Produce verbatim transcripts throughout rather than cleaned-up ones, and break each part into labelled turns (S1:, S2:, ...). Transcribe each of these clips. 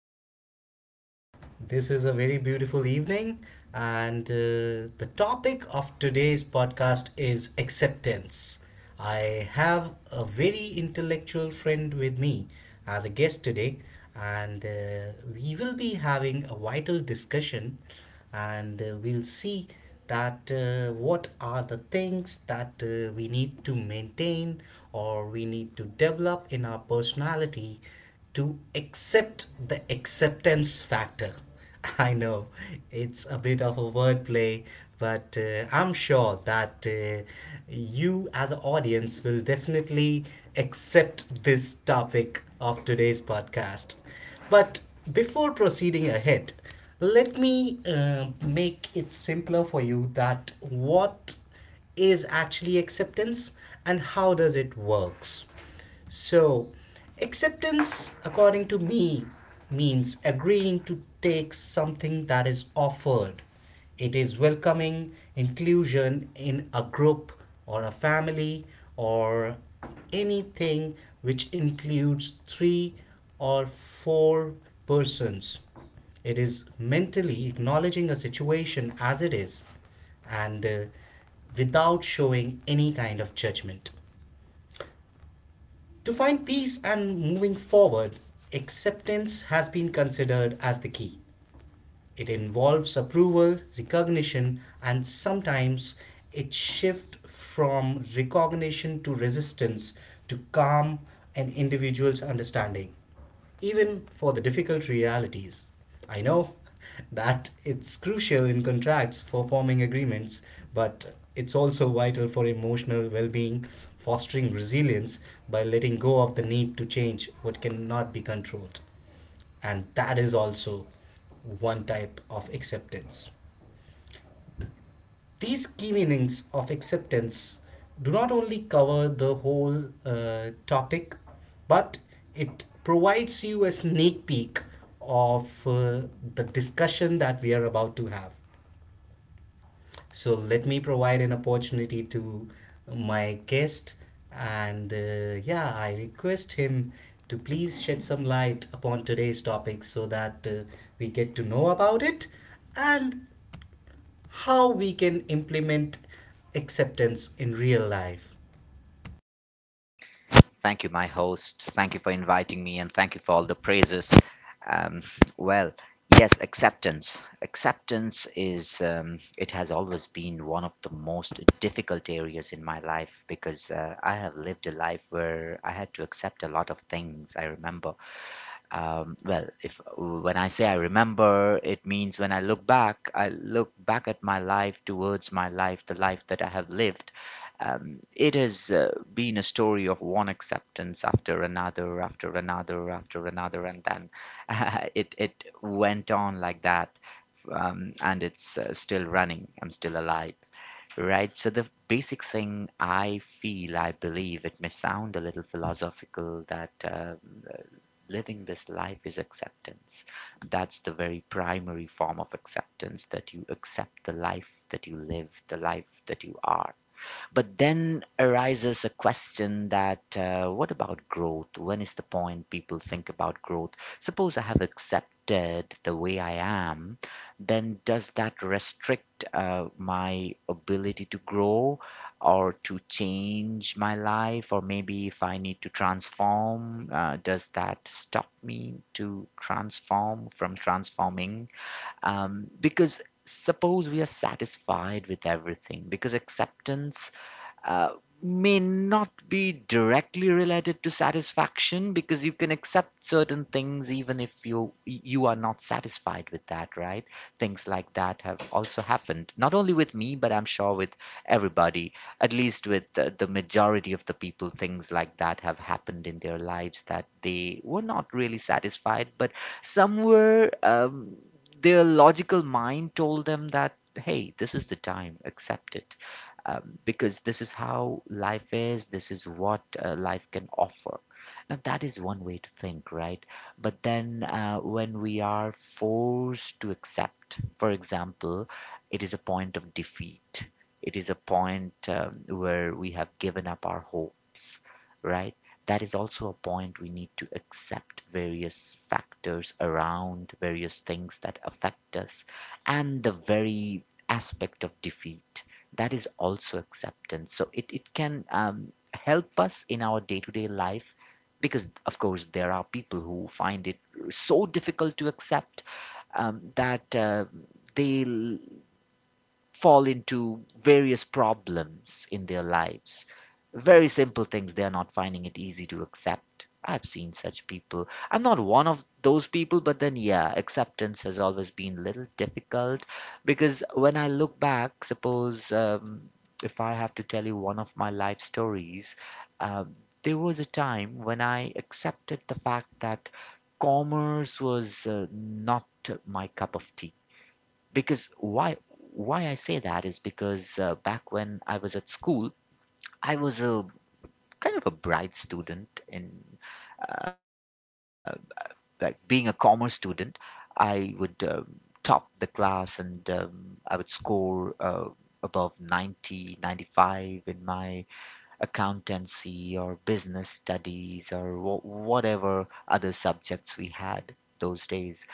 S1: podcast. This is a very beautiful evening, and uh, the topic of today's podcast is acceptance. I have a very intellectual friend with me as a guest today, and uh, we will be having a vital discussion and uh, we'll see that uh, what are the things that uh, we need to maintain or we need to develop in our personality to accept the acceptance factor. I know it's a bit of a wordplay, but uh, I'm sure that uh, you, as an audience, will definitely accept this topic of today's podcast. But before proceeding ahead, let me uh, make it simpler for you that what is actually acceptance and how does it works. So, acceptance according to me means agreeing to take something that is offered. It is welcoming inclusion in a group or a family or anything which includes three or four persons. It is mentally acknowledging a situation as it is and uh, without showing any kind of judgment. To find peace and moving forward, acceptance has been considered as the key. It involves approval, recognition, and sometimes it shifts from recognition to resistance to calm an individual's understanding, even for the difficult realities. I know that it's crucial in contracts for forming agreements, but it's also vital for emotional well being, fostering resilience by letting go of the need to change what cannot be controlled, and that is also one type of acceptance. These key meanings of acceptance do not only cover the whole uh, topic, but it provides you a sneak peek of uh, the discussion that we are about to have. So let me provide an opportunity to my guest, and uh, yeah, I request him to please shed some light upon today's topic so that uh, we get to know about it and how we can implement acceptance in real life.
S2: Thank you, my host. Thank you for inviting me and thank you for all the praises. Um, well, yes, acceptance. Acceptance is, um, it has always been one of the most difficult areas in my life because uh, I have lived a life where I had to accept a lot of things, I remember. Um, well, if when I say I remember, it means when I look back, I look back at my life towards my life, the life that I have lived. Um, it has uh, been a story of one acceptance after another, after another, after another, and then it it went on like that. Um, and it's uh, still running. I'm still alive. Right, so the basic thing I feel, I believe, it may sound a little philosophical that uh, living this life is acceptance. That's the very primary form of acceptance, that you accept the life that you live, the life that you are. But then arises a question, that uh, what about growth? When is the point people think about growth? Suppose I have accepted the way I am, then does that restrict uh, my ability to grow or to change my life? Or maybe if I need to transform, uh, does that stop me to transform from transforming? Um, because Suppose we are satisfied with everything, because acceptance uh, may not be directly related to satisfaction, because you can accept certain things even if you you are not satisfied with that, right? Things like that have also happened, not only with me, but i'm sure with everybody, at least with the, the majority of the people. Things like that have happened in their lives, that they were not really satisfied, but somewhere um, their logical mind told them that, hey, this is the time, accept it, um, because this is how life is, this is what uh, life can offer. Now, that is one way to think, right? But then uh, when we are forced to accept, for example, it is a point of defeat, it is a point um, where we have given up our hopes, right? That is also a point we need to accept, various factors around, various things that affect us, and the very aspect of defeat, that is also acceptance. So it, it can um, help us in our day-to-day life, because of course there are people who find it so difficult to accept, um, that uh, they fall into various problems in their lives. Very simple things they are not finding it easy to accept. I've seen such people. I'm not one of those people, but then, yeah, acceptance has always been a little difficult, because when I look back, suppose um, if I have to tell you one of my life stories, um, there was a time when I accepted the fact that commerce was uh, not my cup of tea. Because why why I say that is because, uh, back when I was at school, I was a kind of a bright student in uh, like being a commerce student. I would um, top the class, and um, I would score uh, above ninety, ninety-five in my accountancy or business studies, or wh- whatever other subjects we had those days.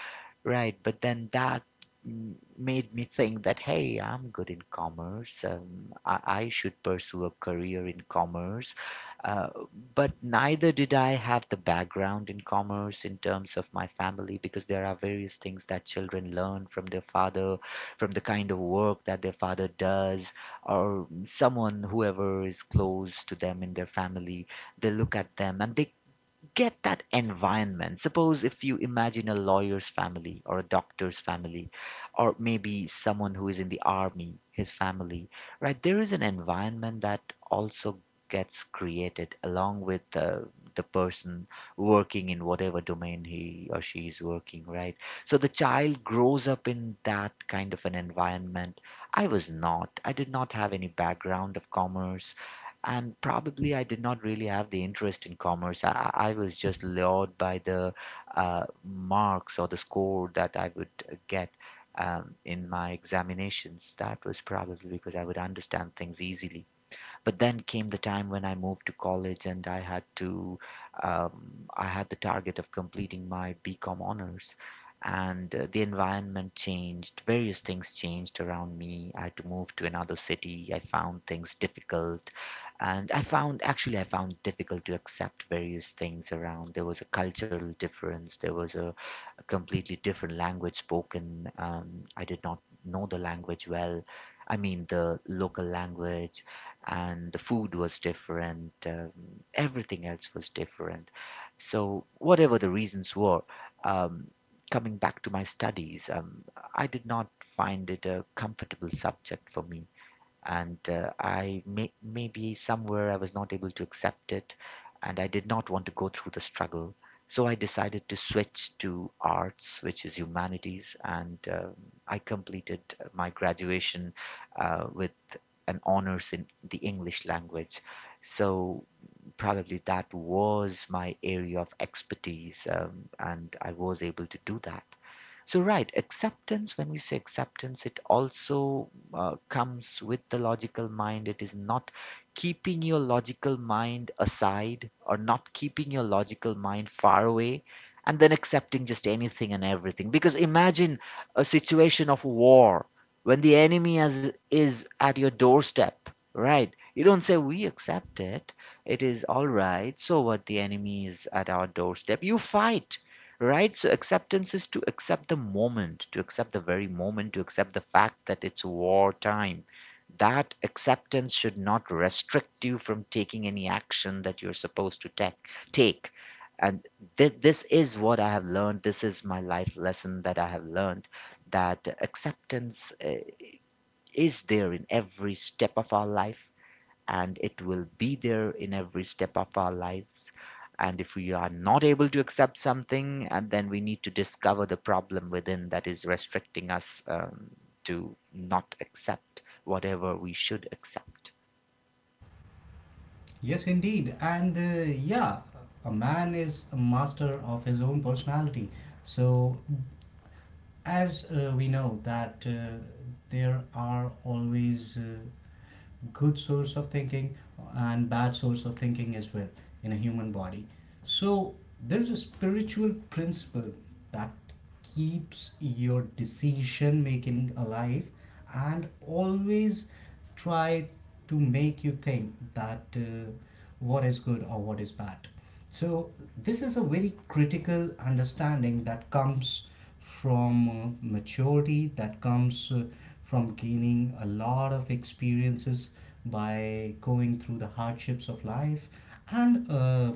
S2: Right, but then that m- made me think that, hey, I'm good in commerce. Um, I, I should pursue a career in commerce. Uh, but neither did I have the background in commerce in terms of my family, because there are various things that children learn from their father, from the kind of work that their father does, or someone, whoever is close to them in their family. They look at them and they get that environment. Suppose if you imagine a lawyer's family, or a doctor's family, or maybe someone who is in the army, his family, right? There is an environment that also gets created along with the, the person working in whatever domain he or she is working, right? So the child grows up in that kind of an environment. I was not. I did not have any background of commerce, and probably I did not really have the interest in commerce. I, I I was just lured by the uh, marks or the score that I would uh, get um, in my examinations. That was probably because I would understand things easily. But then came the time when I moved to college, and I had to, um, I had the target of completing my BCom honors. And uh, the environment changed, various things changed around me. I had to move to another city. I found things difficult. And I found, actually, I found difficult to accept various things around. There was a cultural difference, there was a a completely different language spoken. Um, I did not know the language well. I mean, the local language, and the food was different. Um, everything else was different. So, whatever the reasons were, um, coming back to my studies, um, I did not find it a comfortable subject for me, and uh, I may, maybe somewhere I was not able to accept it, and I did not want to go through the struggle. So I decided to switch to arts, which is humanities, and um I completed my graduation uh, with an honors in the English language. So probably that was my area of expertise, um, and I was able to do that. So, right, acceptance, when we say acceptance, it also uh, comes with the logical mind. It is not keeping your logical mind aside, or not keeping your logical mind far away and then accepting just anything and everything. Because imagine a situation of war, when the enemy has, is at your doorstep, right? You don't say, "We accept it. It is all right." So what? The enemy is at our doorstep. You fight, right? So acceptance is to accept the moment, to accept the very moment, to accept the fact that it's war time. That acceptance should not restrict you from taking any action that you're supposed to take. Take, and th- this is what I have learned. This is my life lesson that I have learned, that acceptance uh, is there in every step of our life, and it will be there in every step of our lives. And if we are not able to accept something, and then we need to discover the problem within that is restricting us, um, to not accept whatever we should accept.
S1: Yes, indeed. And uh, yeah, a man is a master of his own personality. So, as uh, we know, that uh, there are always uh, good source of thinking and bad source of thinking as well in a human body. So there's a spiritual principle that keeps your decision making alive and always try to make you think that uh, what is good or what is bad. So, this is a very critical understanding that comes from uh, maturity, that comes uh, from gaining a lot of experiences by going through the hardships of life, and uh,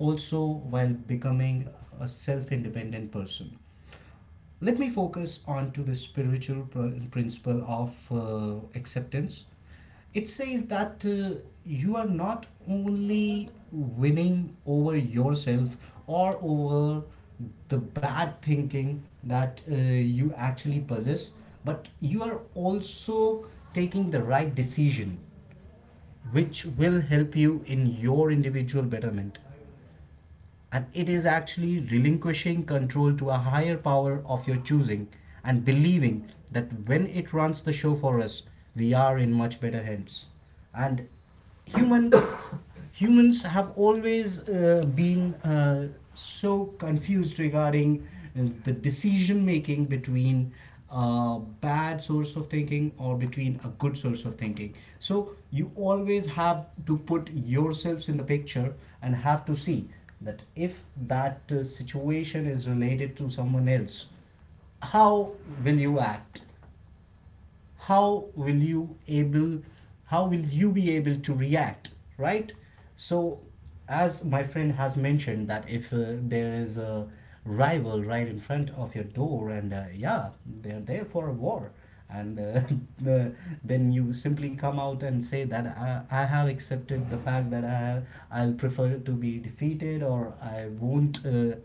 S1: also while becoming a self independent person. Let me focus on to the spiritual pr- principle of uh, acceptance. It says that uh, you are not only winning over yourself or over the bad thinking that uh, you actually possess, but you are also taking the right decision, which will help you in your individual betterment, and it is actually relinquishing control to a higher power of your choosing and believing that when it runs the show for us we are in much better hands. And humans humans have always uh, been uh, so confused regarding uh, the decision making between a bad source of thinking or between a good source of thinking. So you always have to put yourselves in the picture and have to see that if that uh, situation is related to someone else, how will you act? how will you able how will you be able to react? Right. So as my friend has mentioned, that if uh, there is a rival right in front of your door and uh, yeah, they're there for a war, and uh, the, then you simply come out and say that I, I have accepted the fact that I, I'll prefer to be defeated or I won't uh,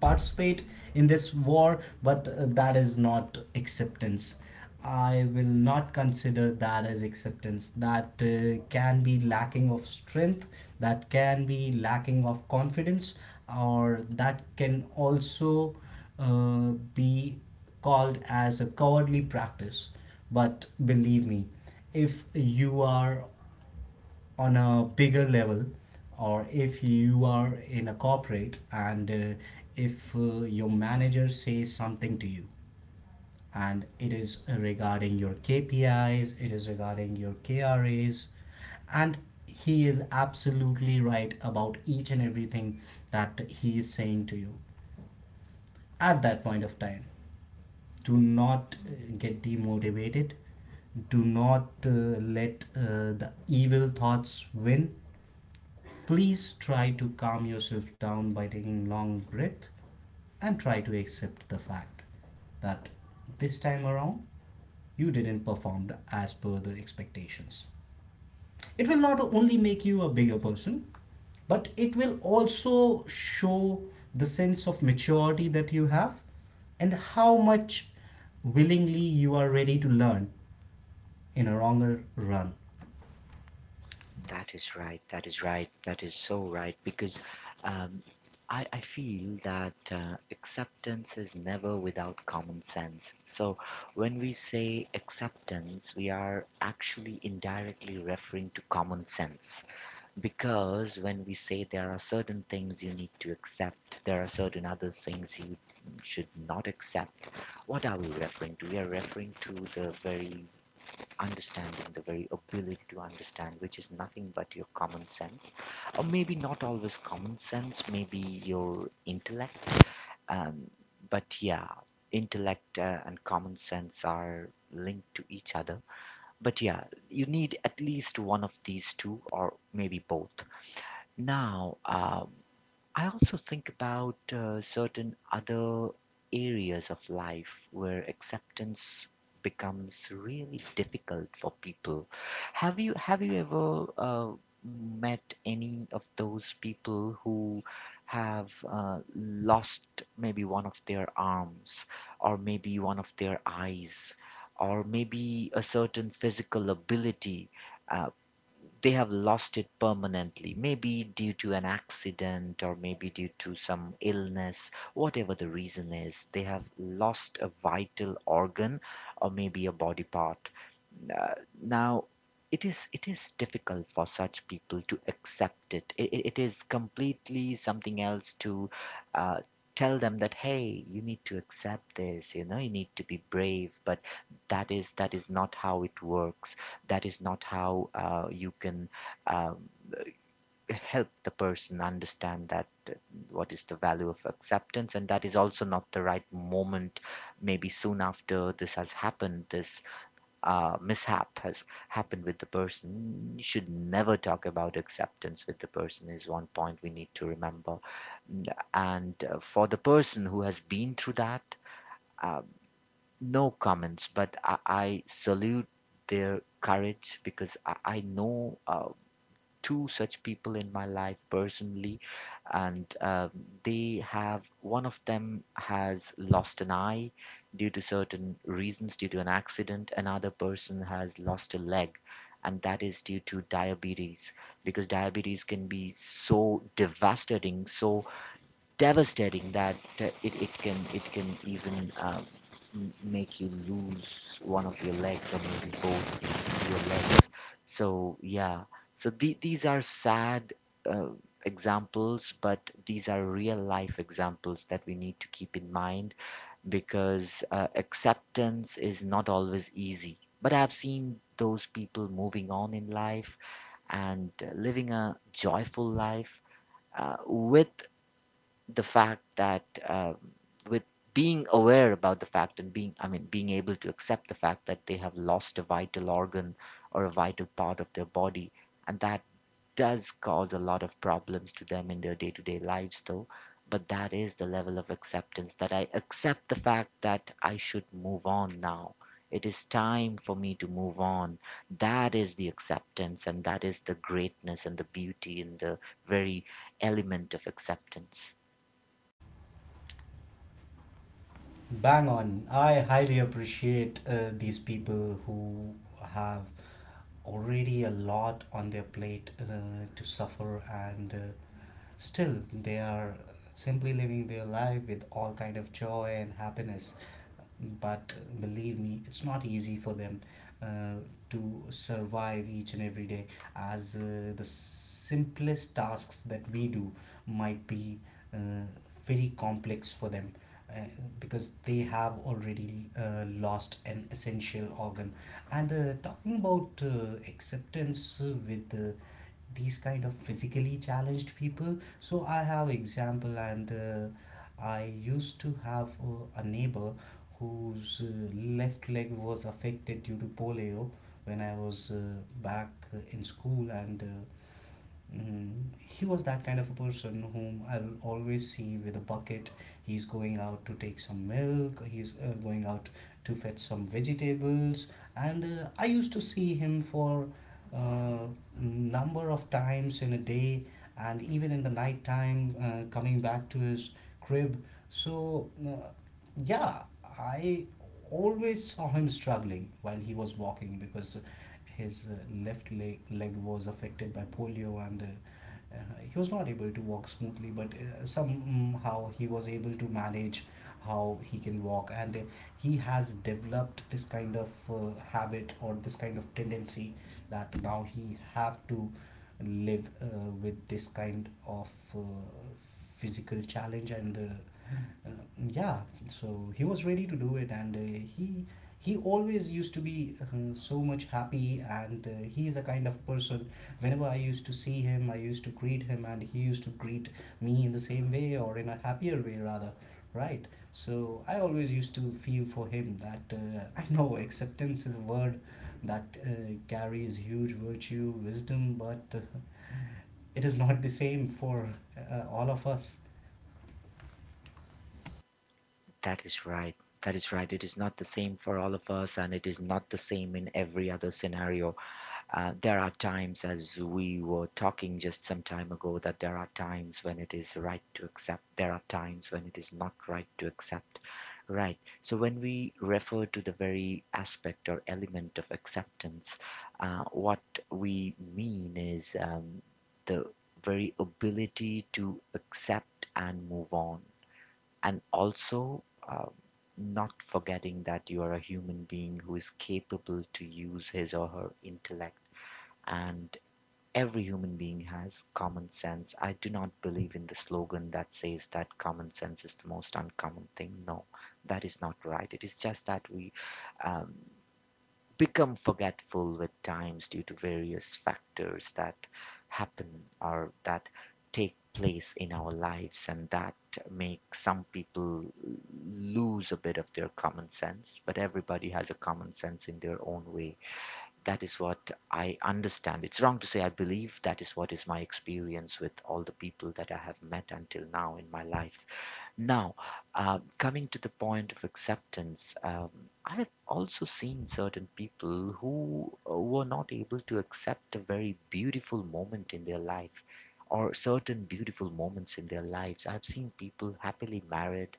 S1: participate in this war, but uh, that is not acceptance. I will not consider that as acceptance. That uh, can be lacking of strength, that can be lacking of confidence, or that can also uh, be called as a cowardly practice. But believe me, if you are on a bigger level or if you are in a corporate and uh, if uh, your manager says something to you and it is regarding your K P Is, it is regarding your K R As, and he is absolutely right about each and everything that he is saying to you at that point of time. Do not uh, get demotivated. Do not uh, let uh, the evil thoughts win. Please try to calm yourself down by taking long breath and try to accept the fact that this time around you didn't perform as per the expectations. It will not only make you a bigger person, but it will also show the sense of maturity that you have and how much willingly you are ready to learn in a longer run.
S2: That is right. That is right. That is so right. Because um, I, I feel that uh, acceptance is never without common sense. So when we say acceptance, we are actually indirectly referring to common sense. Because when we say there are certain things you need to accept, there are certain other things you should not accept, what are we referring to? We are referring to the very understanding, the very ability to understand, which is nothing but your common sense, or maybe not always common sense, maybe your intellect. Um, but yeah, intellect uh, and common sense are linked to each other. But yeah, you need at least one of these two, or maybe both. Now, uh, I also think about uh, certain other areas of life where acceptance becomes really difficult for people. Have you have you ever uh, met any of those people who have uh, lost maybe one of their arms, or maybe one of their eyes, or maybe a certain physical ability? uh, they have lost it permanently, maybe due to an accident or maybe due to some illness. Whatever the reason is, they have lost a vital organ or maybe a body part. Uh, now, it is it is difficult for such people to accept it. It, it, it is completely something else to uh, tell them that, hey, you need to accept this. You know, you need to be brave. But that is that is not how it works. That is not how uh, you can. Um, help the person understand that what is the value of acceptance. And that is also not the right moment, maybe soon after this has happened this uh, mishap has happened with the person. You should never talk about acceptance with the person, is one point we need to remember. And uh, for the person who has been through that, uh, no comments, but I, I salute their courage, because I, I know uh, two such people in my life personally, and um, they have one of them has lost an eye due to certain reasons, due to an accident. Another person has lost a leg, and that is due to diabetes, because diabetes can be so devastating, so devastating that uh, it, it can it can even uh, m- make you lose one of your legs, or maybe both your legs. So yeah, so the, these are sad uh, examples, but these are real life examples that we need to keep in mind because uh, acceptance is not always easy. But I've seen those people moving on in life and uh, living a joyful life uh, with the fact that um, with being aware about the fact and being i mean being able to accept the fact that they have lost a vital organ or a vital part of their body, and that does cause a lot of problems to them in their day-to-day lives, though. But that is the level of acceptance, that I accept the fact that I should move on now, it is time for me to move on. That is the acceptance, and that is the greatness and the beauty and the very element of acceptance.
S1: Bang on. I highly appreciate uh, these people who have already a lot on their plate uh, to suffer and uh, still they are simply living their life with all kind of joy and happiness, but believe me it's not easy for them uh, to survive each and every day, as uh, the simplest tasks that we do might be uh, very complex for them uh, because they have already uh, lost an essential organ. And uh, talking about uh, acceptance uh, with uh, these kind of physically challenged people, so I have example, and uh, I used to have uh, a neighbor whose uh, left leg was affected due to polio when I was uh, back in school. And uh, Mm, he was that kind of a person whom I'll always see with a bucket. He's going out to take some milk, he's uh, going out to fetch some vegetables, and uh, I used to see him for uh, number of times in a day and even in the night time uh, coming back to his crib. So uh, yeah, I always saw him struggling while he was walking because his uh, left leg, leg was affected by polio, and uh, uh, he was not able to walk smoothly. But uh, somehow he was able to manage how he can walk, and uh, he has developed this kind of uh, habit or this kind of tendency that now he have to live uh, with this kind of uh, physical challenge and uh, uh, yeah, so he was ready to do it. And uh, he he always used to be uh, so much happy, and uh, he's a kind of person, whenever I used to see him I used to greet him and he used to greet me in the same way or in a happier way rather. Right. So I always used to feel for him that uh, I know acceptance is a word that uh, carries huge virtue wisdom, but uh, it is not the same for uh, all of us.
S2: That is right. That is right. It is not the same for all of us, and it is not the same in every other scenario. Uh, there are times, as we were talking just some time ago, that there are times when it is right to accept, there are times when it is not right to accept. Right. So, when we refer to the very aspect or element of acceptance, uh, what we mean is, um, the very ability to accept and move on, and also uh, not forgetting that you are a human being who is capable to use his or her intellect, and every human being has common sense. I do not believe in the slogan that says that common sense is the most uncommon thing. No, that is not right. It is just that we um, become forgetful with times due to various factors that happen or that take place in our lives, and that make some people lose a bit of their common sense, but everybody has a common sense in their own way. That is what I understand. It's wrong to say, I believe that is what is my experience with all the people that I have met until now in my life. Now, uh, coming to the point of acceptance, um, I have also seen certain people who uh, were not able to accept a very beautiful moment in their life or certain beautiful moments in their lives. I've seen people happily married,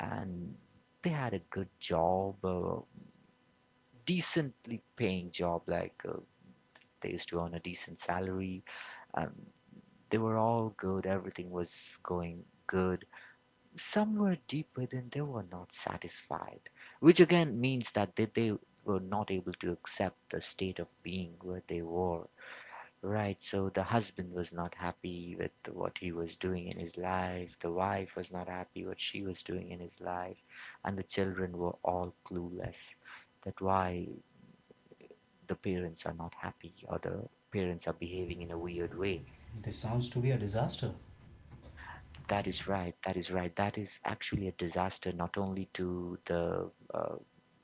S2: and they had a good job, a decently paying job, like, uh, they used to earn a decent salary. Um, they were all good, everything was going good. Somewhere deep within they were not satisfied, which again means that they, they were not able to accept the state of being where they were. Right, so the husband was not happy with what he was doing in his life, the wife was not happy what she was doing in his life, and the children were all clueless that why the parents are not happy or the parents are behaving in a weird way.
S1: This sounds to be a disaster.
S2: That
S1: That is
S2: is
S1: right.
S2: right. That is right. That is actually a disaster not only to the uh,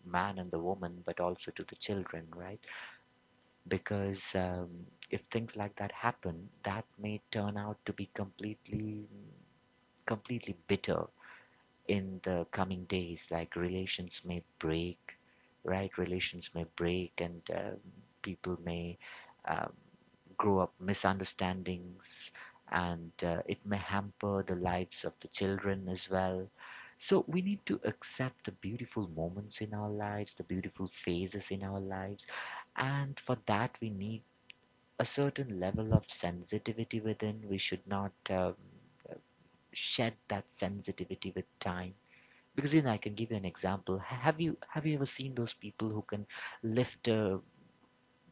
S2: man and the woman, but also to the children, right? Because, um, if things like that happen, that may turn out to be completely, completely bitter in the coming days, like relations may break, right, relations may break, and um, people may um, grow up misunderstandings, and uh, it may hamper the lives of the children as well. So we need to accept the beautiful moments in our lives, the beautiful phases in our lives, and for that we need a certain level of sensitivity within. We should not um, shed that sensitivity with time, because you know, I can give you an example. Ha- Have you have you ever seen those people who can lift a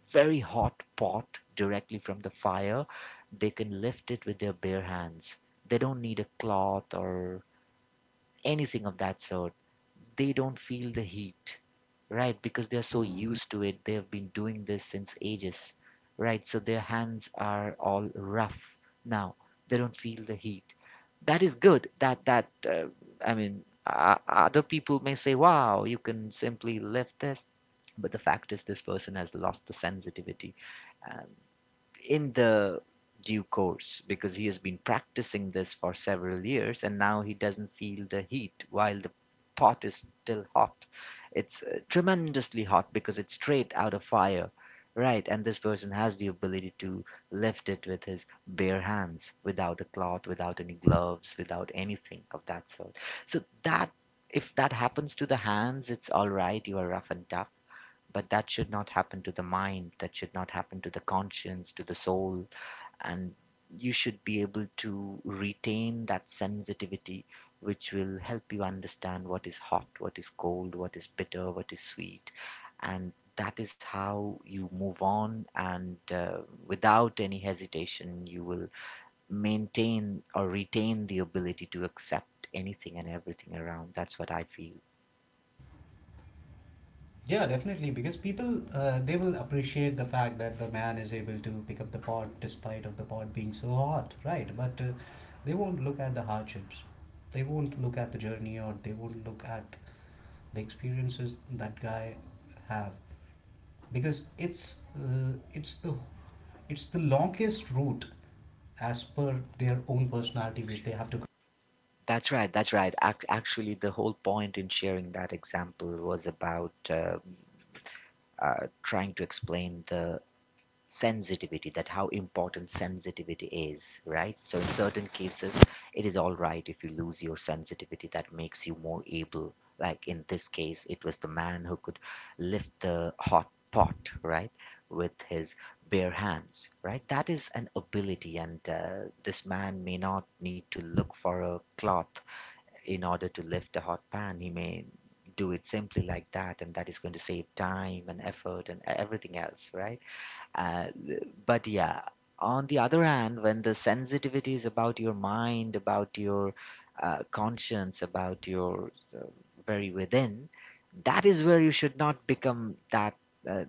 S2: very hot pot directly from the fire? They can lift it with their bare hands. They don't need a cloth or anything of that sort, they don't feel the heat, right? Because they're so used to it. They have been doing this since ages, right? So their hands are all rough now. They don't feel the heat. That is good. That that uh, I mean, uh, other people may say, "Wow, you can simply lift this," but the fact is, this person has lost the sensitivity. Uh, in the due course because he has been practicing this for several years, and now he doesn't feel the heat while the pot is still hot. It's uh, tremendously hot because it's straight out of fire. Right, and this person has the ability to lift it with his bare hands, without a cloth, without any gloves, without anything of that sort. So that, if that happens to the hands, it's all right. You are rough and tough. But that should not happen to the mind, that should not happen to the conscience, to the soul. And you should be able to retain that sensitivity which will help you understand what is hot, what is cold, what is bitter, what is sweet. And that is how you move on, and uh, without any hesitation, you will maintain or retain the ability to accept anything and everything around. That's what I feel.
S1: Yeah, definitely, because people uh, they will appreciate the fact that the man is able to pick up the pot despite of the pot being so hot, right? But uh, they won't look at the hardships. They won't look at the journey, or they won't look at the experiences that guy have, because it's uh, it's the it's the longest route as per their own personality which they have to.
S2: That's right. That's right. Act- actually, the whole point in sharing that example was about uh, uh, trying to explain the sensitivity, that how important sensitivity is, right? So, in certain cases, it is all right if you lose your sensitivity. That makes you more able. Like in this case, it was the man who could lift the hot pot, right, with his bare hands, right? That is an ability, and uh, this man may not need to look for a cloth in order to lift a hot pan. He may do it simply like that, and that is going to save time and effort and everything else, right? uh, but yeah, on the other hand, when the sensitivity is about your mind, about your uh, conscience, about your uh, very within, that is where you should not become that uh,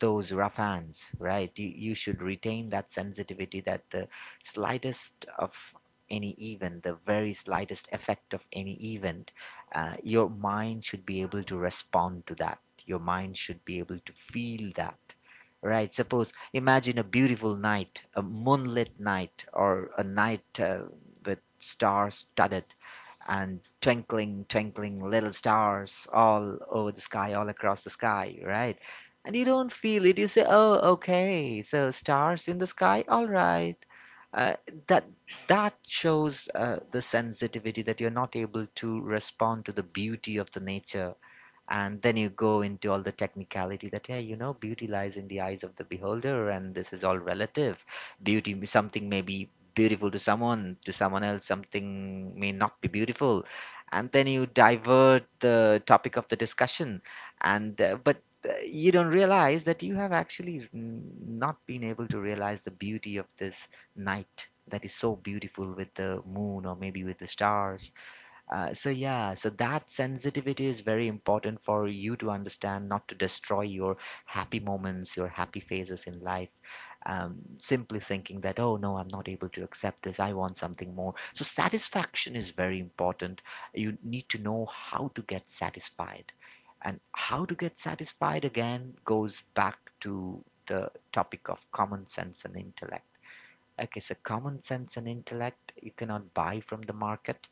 S2: those rough hands, right? You, you should retain that sensitivity, that the slightest of any event, the very slightest effect of any event, uh, your mind should be able to respond to that. Your mind should be able to feel that. Right. Suppose imagine a beautiful night, a moonlit night, or a night uh, with stars studded and twinkling, twinkling little stars all over the sky, all across the sky, right? And you don't feel it. You say, "Oh, okay, so stars in the sky, all right." Uh, that that shows uh, the sensitivity, that you're not able to respond to the beauty of the nature. And then you go into all the technicality that, yeah, you know, beauty lies in the eyes of the beholder and this is all relative. Beauty, something may be beautiful to someone, to someone else something may not be beautiful. And then you divert the topic of the discussion, and uh, but uh, you don't realize that you have actually mm, not been able to realize the beauty of this night that is so beautiful with the moon or maybe with the stars. Uh, so yeah, so that sensitivity is very important for you to understand, not to destroy your happy moments, your happy phases in life. Um, simply thinking that, oh no, I'm not able to accept this. I want something more. So satisfaction is very important. You need to know how to get satisfied, and how to get satisfied again goes back to the topic of common sense and intellect. Okay, so common sense and intellect you cannot buy from the market,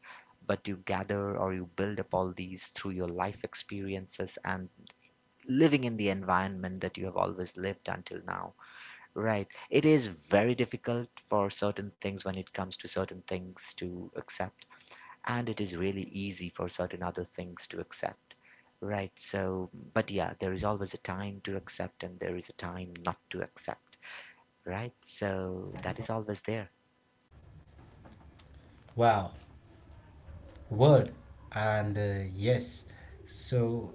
S2: but you gather or you build up all these through your life experiences and living in the environment that you have always lived until now. Right. It is very difficult for certain things, when it comes to certain things, to accept, and it is really easy for certain other things to accept. Right. So, but yeah, there is always a time to accept and there is a time not to accept. Right. So that is always there.
S1: Wow, word. And uh, yes, so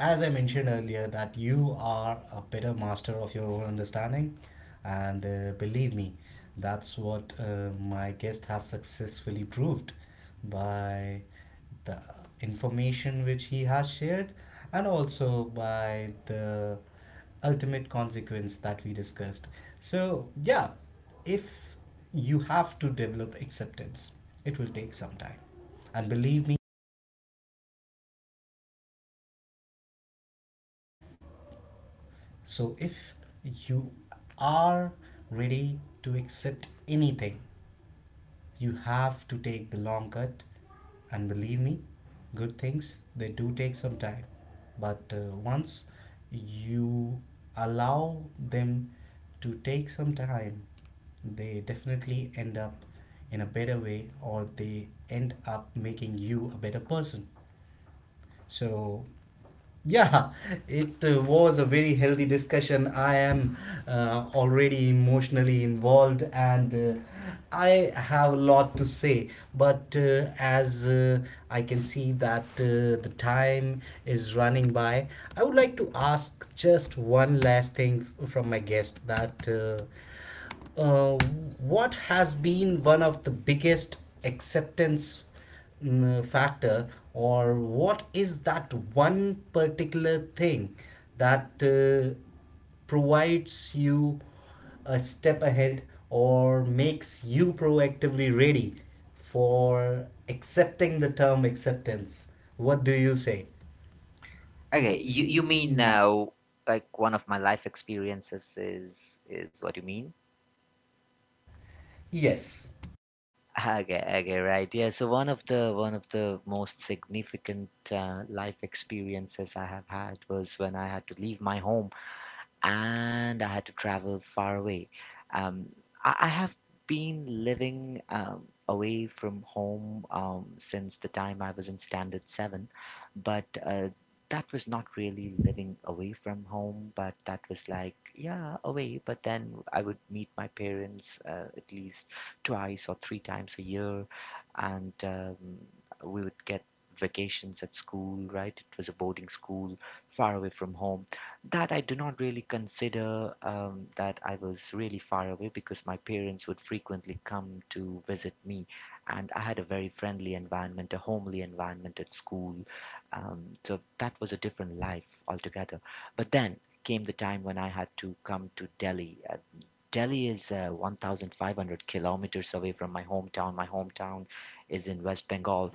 S1: as I mentioned earlier, that you are a better master of your own understanding, and uh, believe me, that's what uh, my guest has successfully proved by the information which he has shared, and also by the ultimate consequence that we discussed. So, yeah, if you have to develop acceptance, it will take some time. And believe me, so if you are ready to accept anything, you have to take the long cut. And believe me, good things, they do take some time. But uh, once you allow them to take some time, they definitely end up in a better way or they end up making you a better person. So, yeah, it uh, was a very healthy discussion. I am uh, already emotionally involved, and uh, I have a lot to say. But uh, as uh, I can see that uh, the time is running by, I would like to ask just one last thing f- from my guest that. Uh, uh, what has been one of the biggest acceptance mm, factor, or what is that one particular thing that uh, provides you a step ahead or makes you proactively ready for accepting the term acceptance? What do you say?
S2: Okay, you you mean now, like one of my life experiences is is what you mean? Yes.
S1: Yes.
S2: Okay, okay, right. Yeah, so one of the one of the most significant uh, life experiences I have had was when I had to leave my home and I had to travel far away. Um, I, I have been living um, away from home um, since the time I was in Standard seven, but uh, that was not really living away from home, but that was like, yeah, away. But then I would meet my parents uh, at least twice or three times a year, and um, we would get vacations at school, right? It was a boarding school far away from home, that I do not really consider um, that I was really far away, because my parents would frequently come to visit me, and I had a very friendly environment, a homely environment at school. Um, so that was a different life altogether. But then came the time when I had to come to Delhi. Delhi is uh, one thousand five hundred kilometers away from my hometown. My hometown is in West Bengal,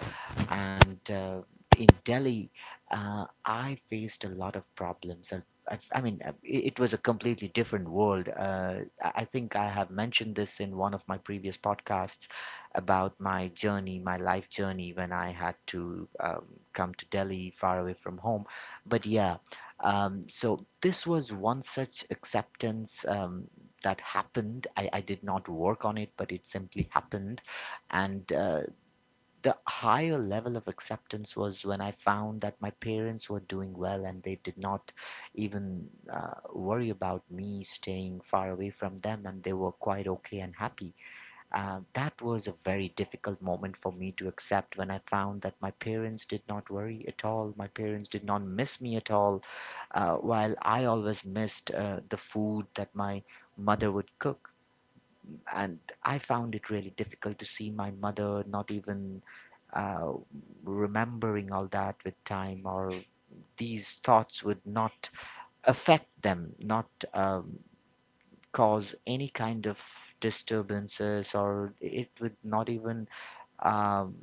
S2: and uh, in Delhi, uh, I faced a lot of problems. I, I, I mean, uh, it, it was a completely different world. Uh, I I think I have mentioned this in one of my previous podcasts about my journey, my life journey, when I had to um, come to Delhi, far away from home. But yeah, um, so this was one such acceptance. Um, that happened. I, I did not work on it, but it simply happened. And uh, the higher level of acceptance was when I found that my parents were doing well and they did not even uh, worry about me staying far away from them, and they were quite okay and happy. Uh, that was a very difficult moment for me to accept, when I found that my parents did not worry at all. My parents did not miss me at all, uh, while I always missed uh, the food that my mother would cook. And I found it really difficult to see my mother not even uh, remembering all that with time, or these thoughts would not affect them, not um, cause any kind of disturbances, or it would not even um,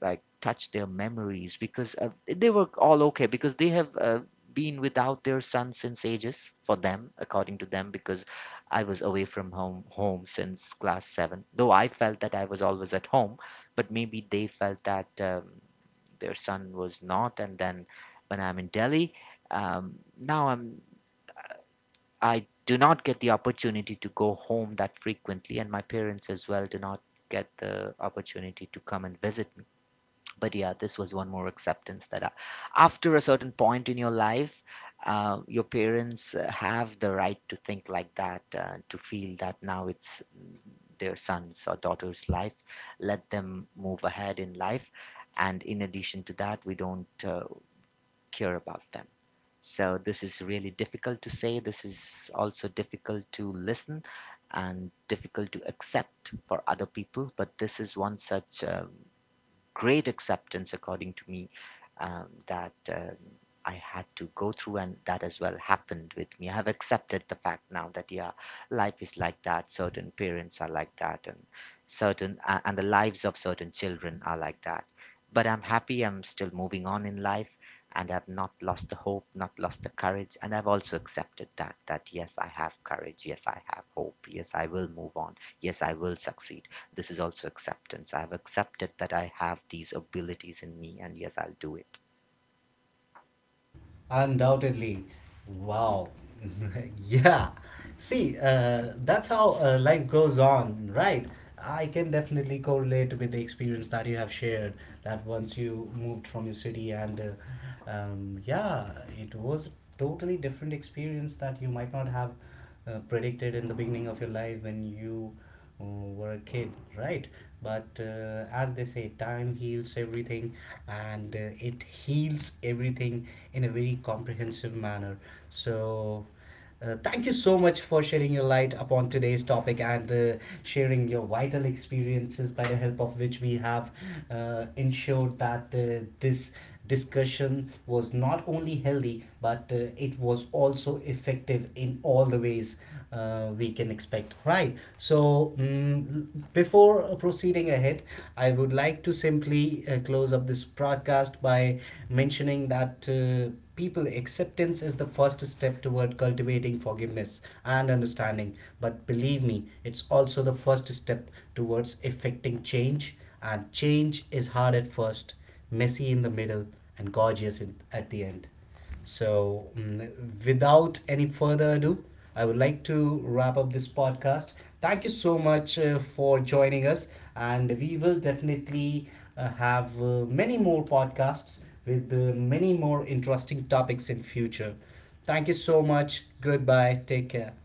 S2: like touch their memories, because uh, they were all okay, because they have uh, been without their son since ages, for them, according to them, because I was away from home home since class seven, though I felt that I was always at home, but maybe they felt that um, their son was not. And then when I'm in Delhi, um, now I'm I do not get the opportunity to go home that frequently, and my parents as well do not get the opportunity to come and visit. But yeah, this was one more acceptance, that uh, after a certain point in your life, uh, your parents uh, have the right to think like that, uh, to feel that now it's mm, their son's or daughter's life, let them move ahead in life. And in addition to that, we don't uh, care about them. So this is really difficult to say, this is also difficult to listen and difficult to accept for other people, but this is one such uh, great acceptance, according to me, um, that uh, I had to go through, and that as well happened with me. I have accepted the fact now that yeah, life is like that. Certain parents are like that, and certain uh, and the lives of certain children are like that. But I'm happy. I'm still moving on in life, and I've not lost the hope, not lost the courage, and I've also accepted that that yes, I have courage. Yes, I have hope. Yes, I will move on. Yes, I will succeed. This is also acceptance. I have accepted that I have these abilities in me, and yes, I'll do it.
S1: Undoubtedly. Wow. Yeah. See, uh, that's how uh, life goes on, right? I can definitely correlate with the experience that you have shared. That once you moved from your city, and uh, um, yeah, it was a totally different experience that you might not have uh, predicted in the beginning of your life when you uh, were a kid, right? But uh, as they say, time heals everything, and uh, it heals everything in a very comprehensive manner. So, uh, thank you so much for shedding your light upon today's topic and uh, sharing your vital experiences by the help of which we have uh, ensured that uh, this discussion was not only healthy but uh, it was also effective in all the ways uh, we can expect, right? So mm, before proceeding ahead, I would like to simply uh, close up this broadcast by mentioning that uh, people, acceptance is the first step toward cultivating forgiveness and understanding, but believe me it's also the first step towards effecting change. And change is hard at first, messy in the middle, and gorgeous in, at the end. So, mm, without any further ado, I would like to wrap up this podcast. Thank you so much uh, for joining us, and we will definitely uh, have uh, many more podcasts with uh, many more interesting topics in future. Thank you so much. Goodbye. Take care.